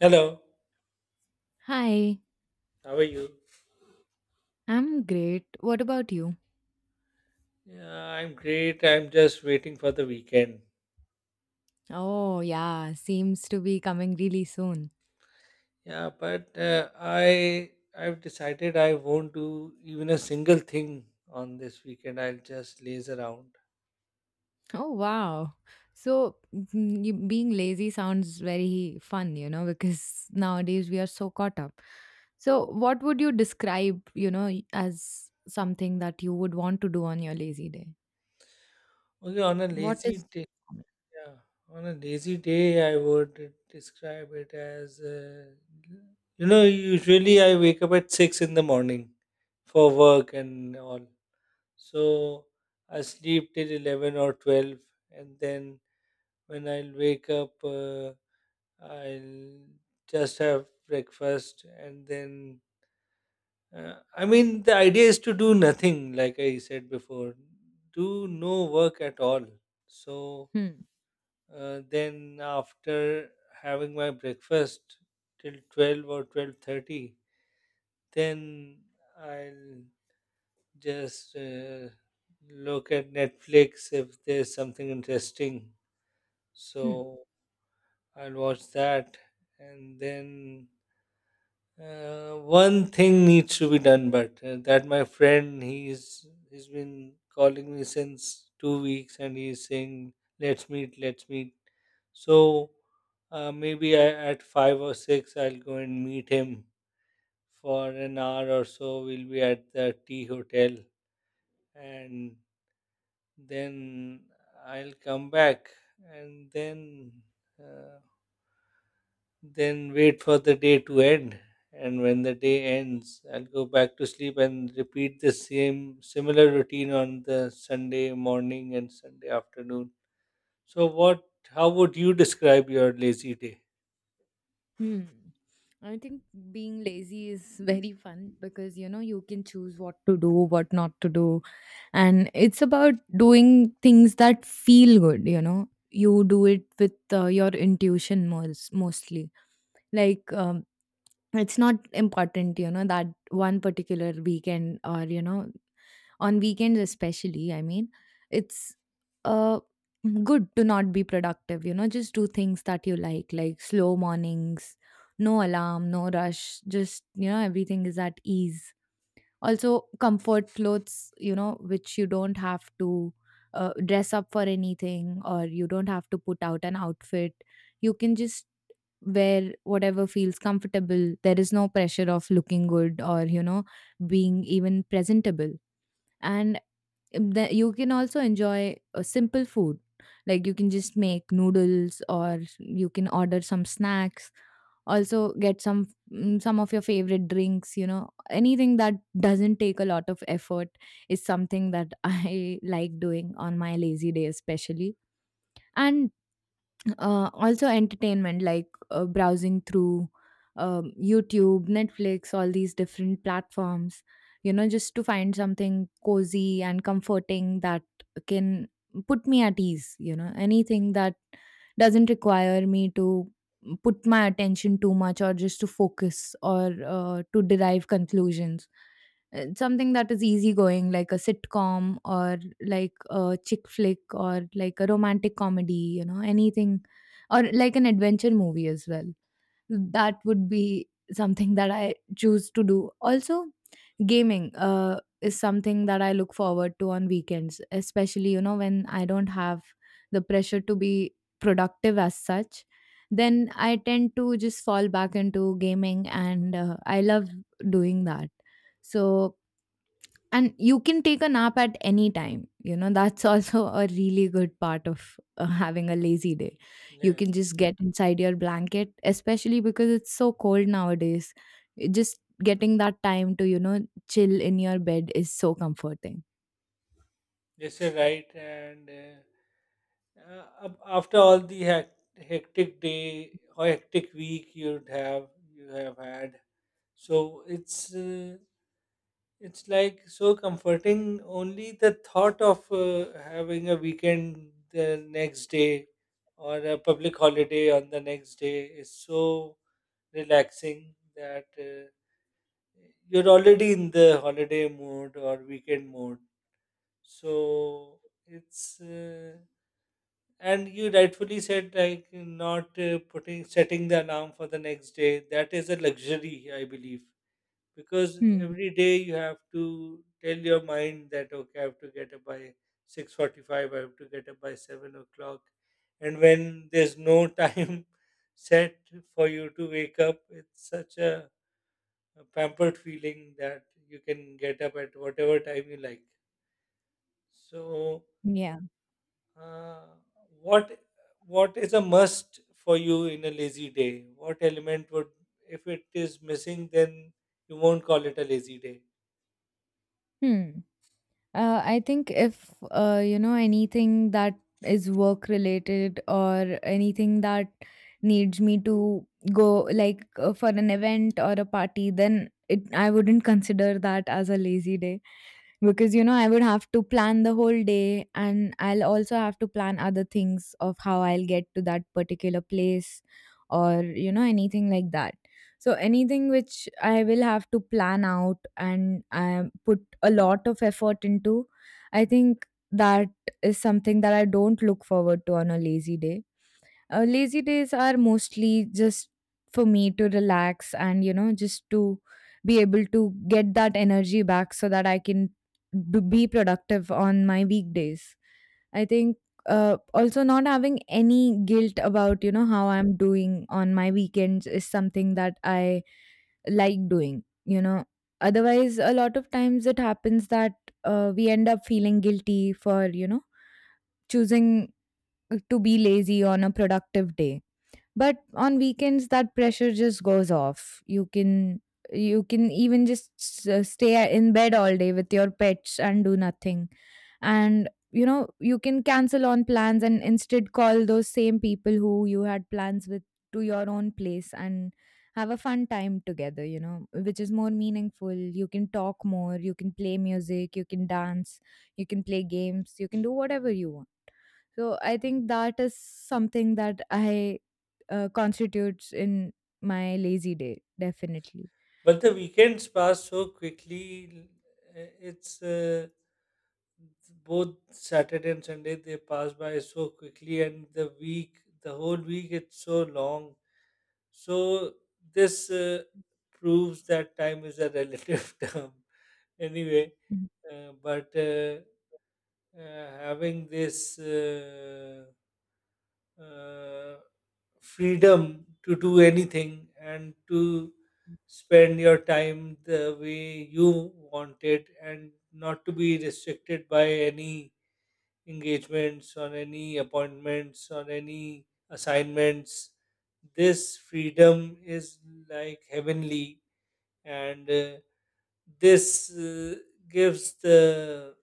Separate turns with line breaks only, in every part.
Hello,
Hi,
how are you?
I'm great. What about you?
Yeah, I'm great. I'm just waiting for the weekend.
Oh, yeah, seems to be coming really soon.
Yeah, but I've decided I won't do even a single thing on this weekend. I'll just laze around.
Oh, wow. Being lazy sounds very fun, because nowadays we are so caught up. So, what would you describe, as something that you would want to do on your lazy day?
Okay, on a
What
lazy
is
day,
your
yeah, on a lazy day, I would describe it as. Usually, I wake up at 6 in the morning for work and all, so I sleep till 11 or 12, and then when I'll wake up, I'll just have breakfast and then. I mean, the idea is to do nothing, like I said before, do no work at all. So
Hmm.
then, after having my breakfast till 12 or 12:30, then I'll just look at Netflix if there's something interesting.
Hmm.
So I'll watch that, and then one thing needs to be done. But that my friend, he's been calling me since 2 weeks, and he's saying, "Let's meet, let's meet." So maybe I, at 5 or 6, I'll go and meet him for an hour or so. We'll be at the tea hotel, and then I'll come back, and then. Uh, Then wait for the day to end. And when the day ends, I'll go back to sleep and repeat the same similar routine on the Sunday morning and Sunday afternoon. So, what? How would you describe your lazy day?
Hmm. I think being lazy is very fun because you know you can choose what to do, what not to do, and it's about doing things that feel good. You know, you do it with your intuition mostly. Like, it's not important, you know, that one particular weekend or you know on weekends especially I mean it's uh good to not be productive, you know, just do things that you like slow mornings, no alarm, no rush, just, you know, everything is at ease. Also comfort clothes, you know, which you don't have to dress up for anything, or you don't have to put out an outfit. You can just wear whatever feels comfortable. There is no pressure of looking good or, you know, being even presentable. And that you can also enjoy a simple food. Like you can just make noodles, or you can order some snacks, also get some some of your favorite drinks, you know, anything that doesn't take a lot of effort is something that I like doing on my lazy day especially. And also entertainment, like browsing through YouTube, Netflix, all these different platforms, you know, just to find something cozy and comforting that can put me at ease. You know, anything that doesn't require me to put my attention too much, or just to focus, or to derive conclusions. Something that is easygoing, like a sitcom, or like a chick flick, or like a romantic comedy, you know, anything, or like an adventure movie as well. That would be something that I choose to do. Also, gaming is something that I look forward to on weekends, especially, you know, when I don't have the pressure to be productive as such. Then I tend to just fall back into gaming, and I love doing that. So, and you can take a nap at any time. You know, that's also a really good part of having a lazy day. You can
Yes,
just get inside your blanket, especially because it's so cold nowadays. Just getting that time to, you know, chill in your bed is so comforting.
yes, you're right. And after all the hectic day or hectic week you have had, so it's like so comforting. Only the thought of having a weekend the next day or a public holiday on the next day is so relaxing that you're already in the holiday mode or weekend mode. So it's and you rightfully said, like, not putting setting the alarm for the next day. That is a luxury, I believe, because
Hmm.
every day you have to tell your mind that, okay, I have to get up by 6:45, I have to get up by 7 o'clock, and when there's no time set for you to wake up, it's such a pampered feeling that you can get up at whatever time you like. So,
Yeah.
uh, what what is a must for you in a lazy day? What element would, if it is missing, then you won't call it a lazy day?
Hmm. I think if you know, anything that is work related, or anything that needs me to go, like for an event or a party, then it I wouldn't consider that as a lazy day, because you know, I would have to plan the whole day, and I'll also have to plan other things of how I'll get to that particular place, or you know, anything like that. So anything which I will have to plan out and I put a lot of effort into, I think that is something that I don't look forward to on a lazy day. Uh, lazy days are mostly just for me to relax and, you know, just to be able to get that energy back, so that I can be productive on my weekdays. I think also not having any guilt about, you know, how I'm doing on my weekends is something that I like doing, you know. Otherwise, a lot of times it happens that we end up feeling guilty for, you know, choosing to be lazy on a productive day. But on weekends that pressure just goes off. You can, you can even just stay in bed all day with your pets and do nothing. And you know, you can cancel on plans and instead call those same people who you had plans with to your own place, and have a fun time together, you know, which is more meaningful. You can talk more, you can play music, you can dance, you can play games, you can do whatever you want. So I think that is something that I constitutes in my lazy day definitely.
But the weekends pass so quickly. It's Both Saturday and Sunday, they pass by so quickly, and the week, the whole week, it's so long. So this proves that time is a relative term, anyway.
Mhm.
But having this uh, freedom to do anything, and to spend your time the way you want it, and not to be restricted by any engagements or any appointments or any assignments, this freedom is like heavenly. And this gives the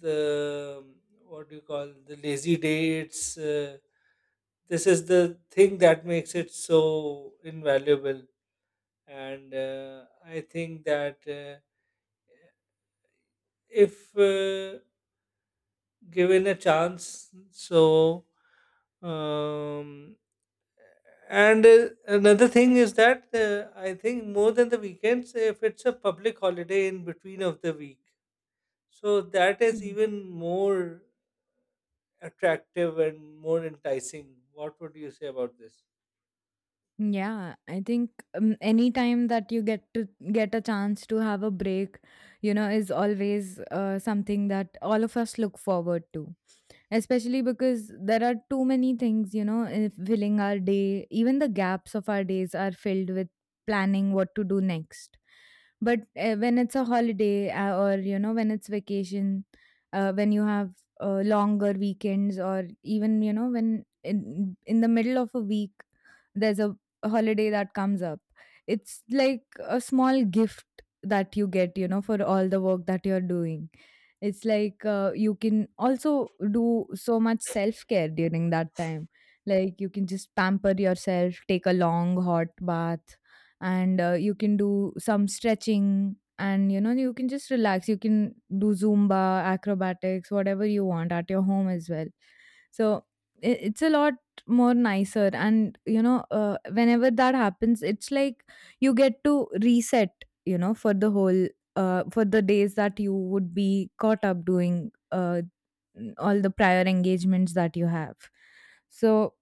the what do you call, the lazy day its This is the thing that makes it so invaluable. And I think that, if given a chance, so, um, and another thing is that I think, more than the weekends, if it's a public holiday in between of the week, so that is
Mhm.
even more attractive and more enticing. What would you say about this?
Yeah, I think any time that you get to get a chance to have a break, you know, is always something that all of us look forward to. Especially because there are too many things, you know, filling our day. Even the gaps of our days are filled with planning what to do next. But when it's a holiday or, you know, when it's vacation, when you have longer weekends, or even, you know, when in the middle of a week, there's a holiday that comes up. It's like a small gift that you get, you know, for all the work that you're doing. It's like you can also do so much self care during that time. Like you can just pamper yourself, take a long hot bath, and you can do some stretching. And you know, you can just relax. You can do Zumba, acrobatics, whatever you want at your home as well. So it's a lot just more nicer, and you know, whenever that happens it's like you get to reset, you know, for the whole for the days that you would be caught up doing all the prior engagements that you have. So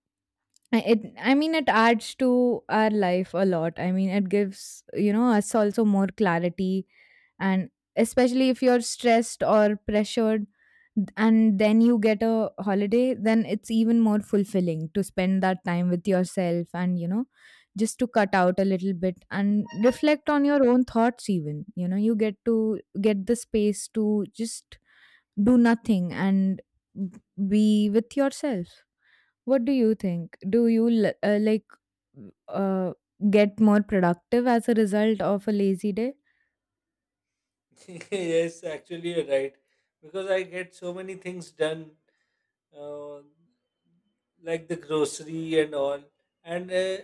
I- it I mean it adds to our life a lot. I mean it gives, you know, us also more clarity. And especially if you're stressed or pressured, and then you get a holiday, then it's even more fulfilling to spend that time with yourself. And you know, just to cut out a little bit and reflect on your own thoughts even, you know, you get to get the space to just do nothing and b- be with yourself. What do you think? Do you like uh, get more productive as a result of a lazy day?
Yes, actually, you're right. Because I get so many things done, uh, like the grocery and all. And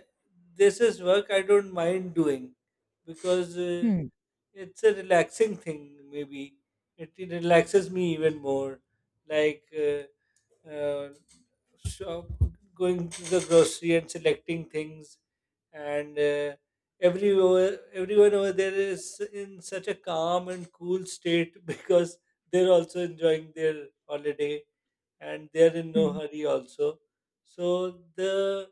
this is work I don't mind doing, because
Hmm.
it's a relaxing thing, maybe. It relaxes me even more. Like, uh, shop, going to the grocery and selecting things, and everywhere, everyone over there is in such a calm and cool state because they're also enjoying their holiday and they're in no
Hmm.
hurry also. So the,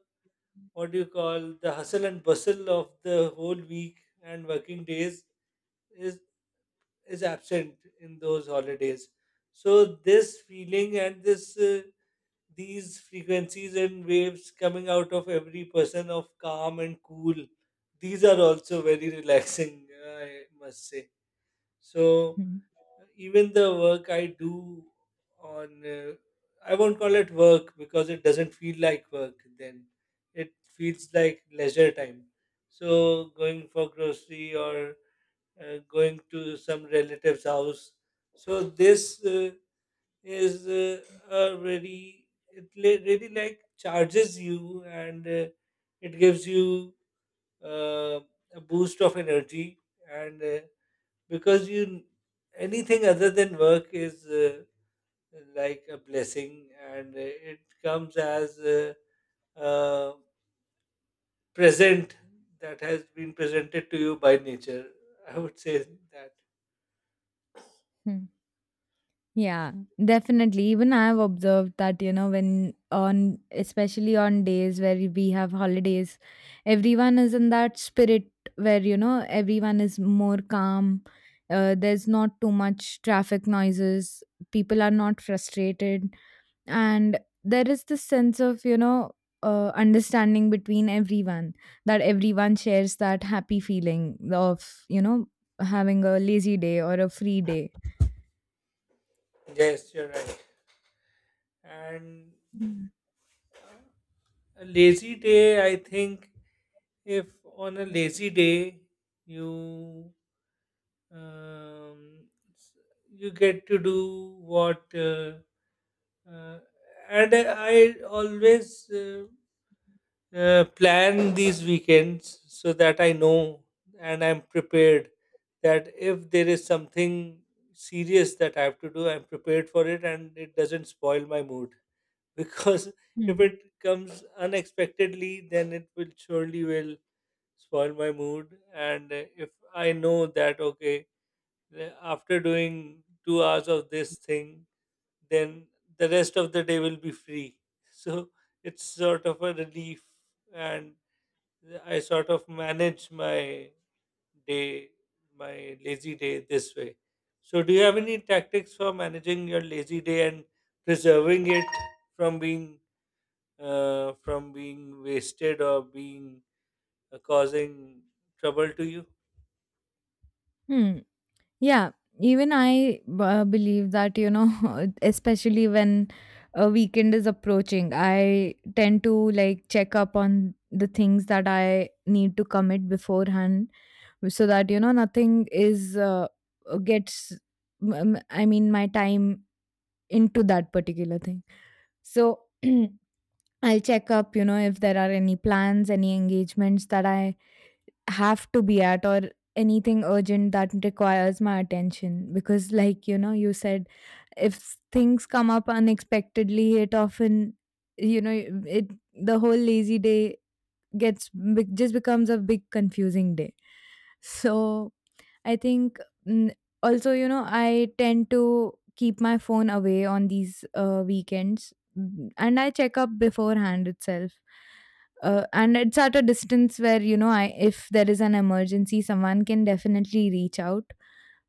what do you call, the hustle and bustle of the whole week and working days is absent in those holidays. So this feeling and this, these frequencies and waves coming out of every person, of calm and cool, these are also very relaxing. I must say, so
Hmm.
even the work I do on I won't call it work, because it doesn't feel like work then. It feels like leisure time. So going for grocery, or going to some relative's house, so this is a very, it really, like, charges you. And it gives you uh, a boost of energy. And because you, anything other than work is like a blessing. And it comes as a present that has been presented to you by nature, I would say that.
Hmm. Yeah, definitely. Even I have observed that, you know, especially on days where we have holidays, everyone is in that spirit where, you know, everyone is more calm. There's not too much traffic noises. People are not frustrated, and there is this sense of, you know, understanding between everyone, that everyone shares that happy feeling of, you know, having a lazy day or a free day.
Yes, you're right. And
Hmm.
a lazy day, I think, if on a lazy day you, um, s- you get to do what, uh, and I always plan these weekends so that I know and I'm prepared that if there is something serious that I have to do, I'm prepared for it and it doesn't spoil my mood, because if
Hmm.
it comes unexpectedly, then it will surely will spoil my mood. And if I know that, okay, uh, after doing 2 hours of this thing, then the rest of the day will be free. So it's sort of a relief. And I sort of manage my day, my lazy day, this way. So do you have any tactics for managing your lazy day and preserving it from being wasted, or being causing trouble to you?
Hmm. Yeah, even I believe that, you know, especially when a weekend is approaching, I tend to like check up on the things that I need to commit beforehand, so that, you know, nothing is, gets, I mean, my time into that particular thing. So I'll check up, you know, if there are any plans, any engagements that I have to be at, or anything urgent that requires my attention. Because like you know you said, if things come up unexpectedly it often, you know, it the whole lazy day just becomes a big confusing day. So I think mm, also, you know, I tend to keep my phone away on these weekends and I check up beforehand itself. And it's at a distance where, you know, I if there is an emergency, someone can definitely reach out.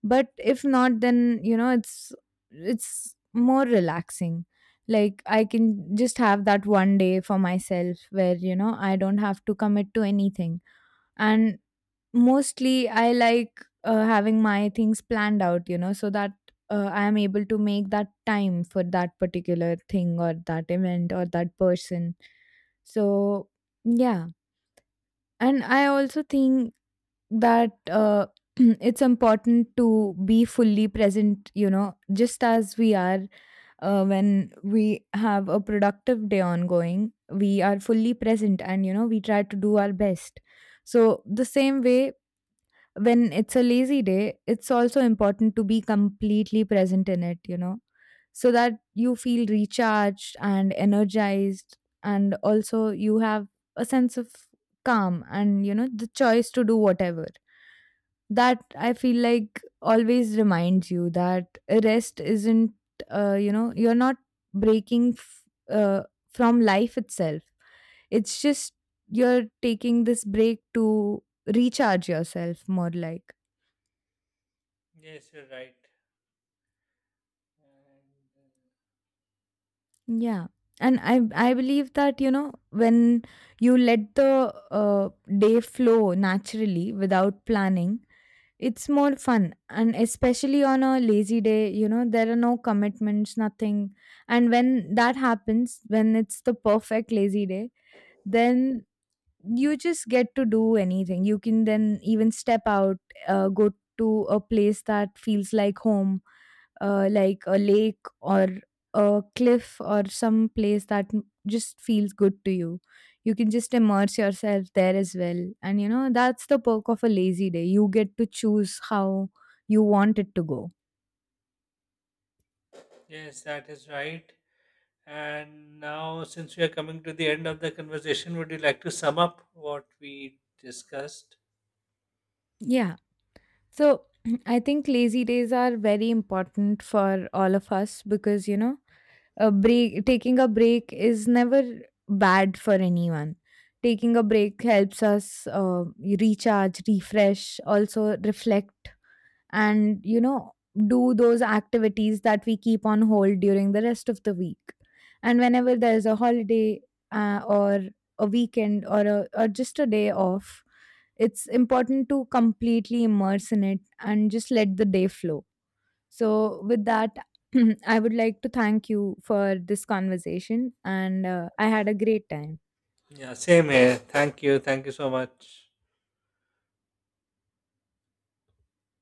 But if not, then, you know, it's more relaxing. Like I can just have that one day for myself where, you know, I don't have to commit to anything. And mostly, I like having my things planned out, you know, so that I am able to make that time for that particular thing, or that event, or that person. So, yeah. And I also think that it's important to be fully present, you know, just as we are when we have a productive day ongoing, we are fully present, and, you know, we try to do our best. So, the same way, when it's a lazy day, it's also important to be completely present in it, you know, so that you feel recharged and energized, and also you have a sense of calm, and, you know, the choice to do whatever. That I feel like always reminds you that rest isn't, you know, you're not breaking uh, from life itself. It's just you're taking this break to recharge yourself more like.
Yes, you're right. And, uh,
Yeah. And I believe that, you know, when you let the day flow naturally without planning, it's more fun. And especially on a lazy day, you know, there are no commitments, nothing. And when that happens, when it's the perfect lazy day, then you just get to do anything. You can then even step out, go to a place that feels like home, like a lake, or a cliff, or some place just feels good to you. You can just immerse yourself there as well. And you know, that's the perk of a lazy day. You get to choose how you want it to go.
yes, that is right. And now, since we are coming to the end of the conversation, would you like to sum up what we discussed?
Yeah. So I think lazy days are very important for all of us because, you know, a break taking a break is never bad for anyone. Taking a break helps us recharge, refresh, also reflect. And you know, do those activities that we keep on hold during the rest of the week. And whenever there's a holiday or a weekend, or a, or just a day off, it's important to completely immerse in it and just let the day flow. So, with that, I would like to thank you for this conversation, and I had a great time.
Yeah, same here. Thank you. Thank you so much.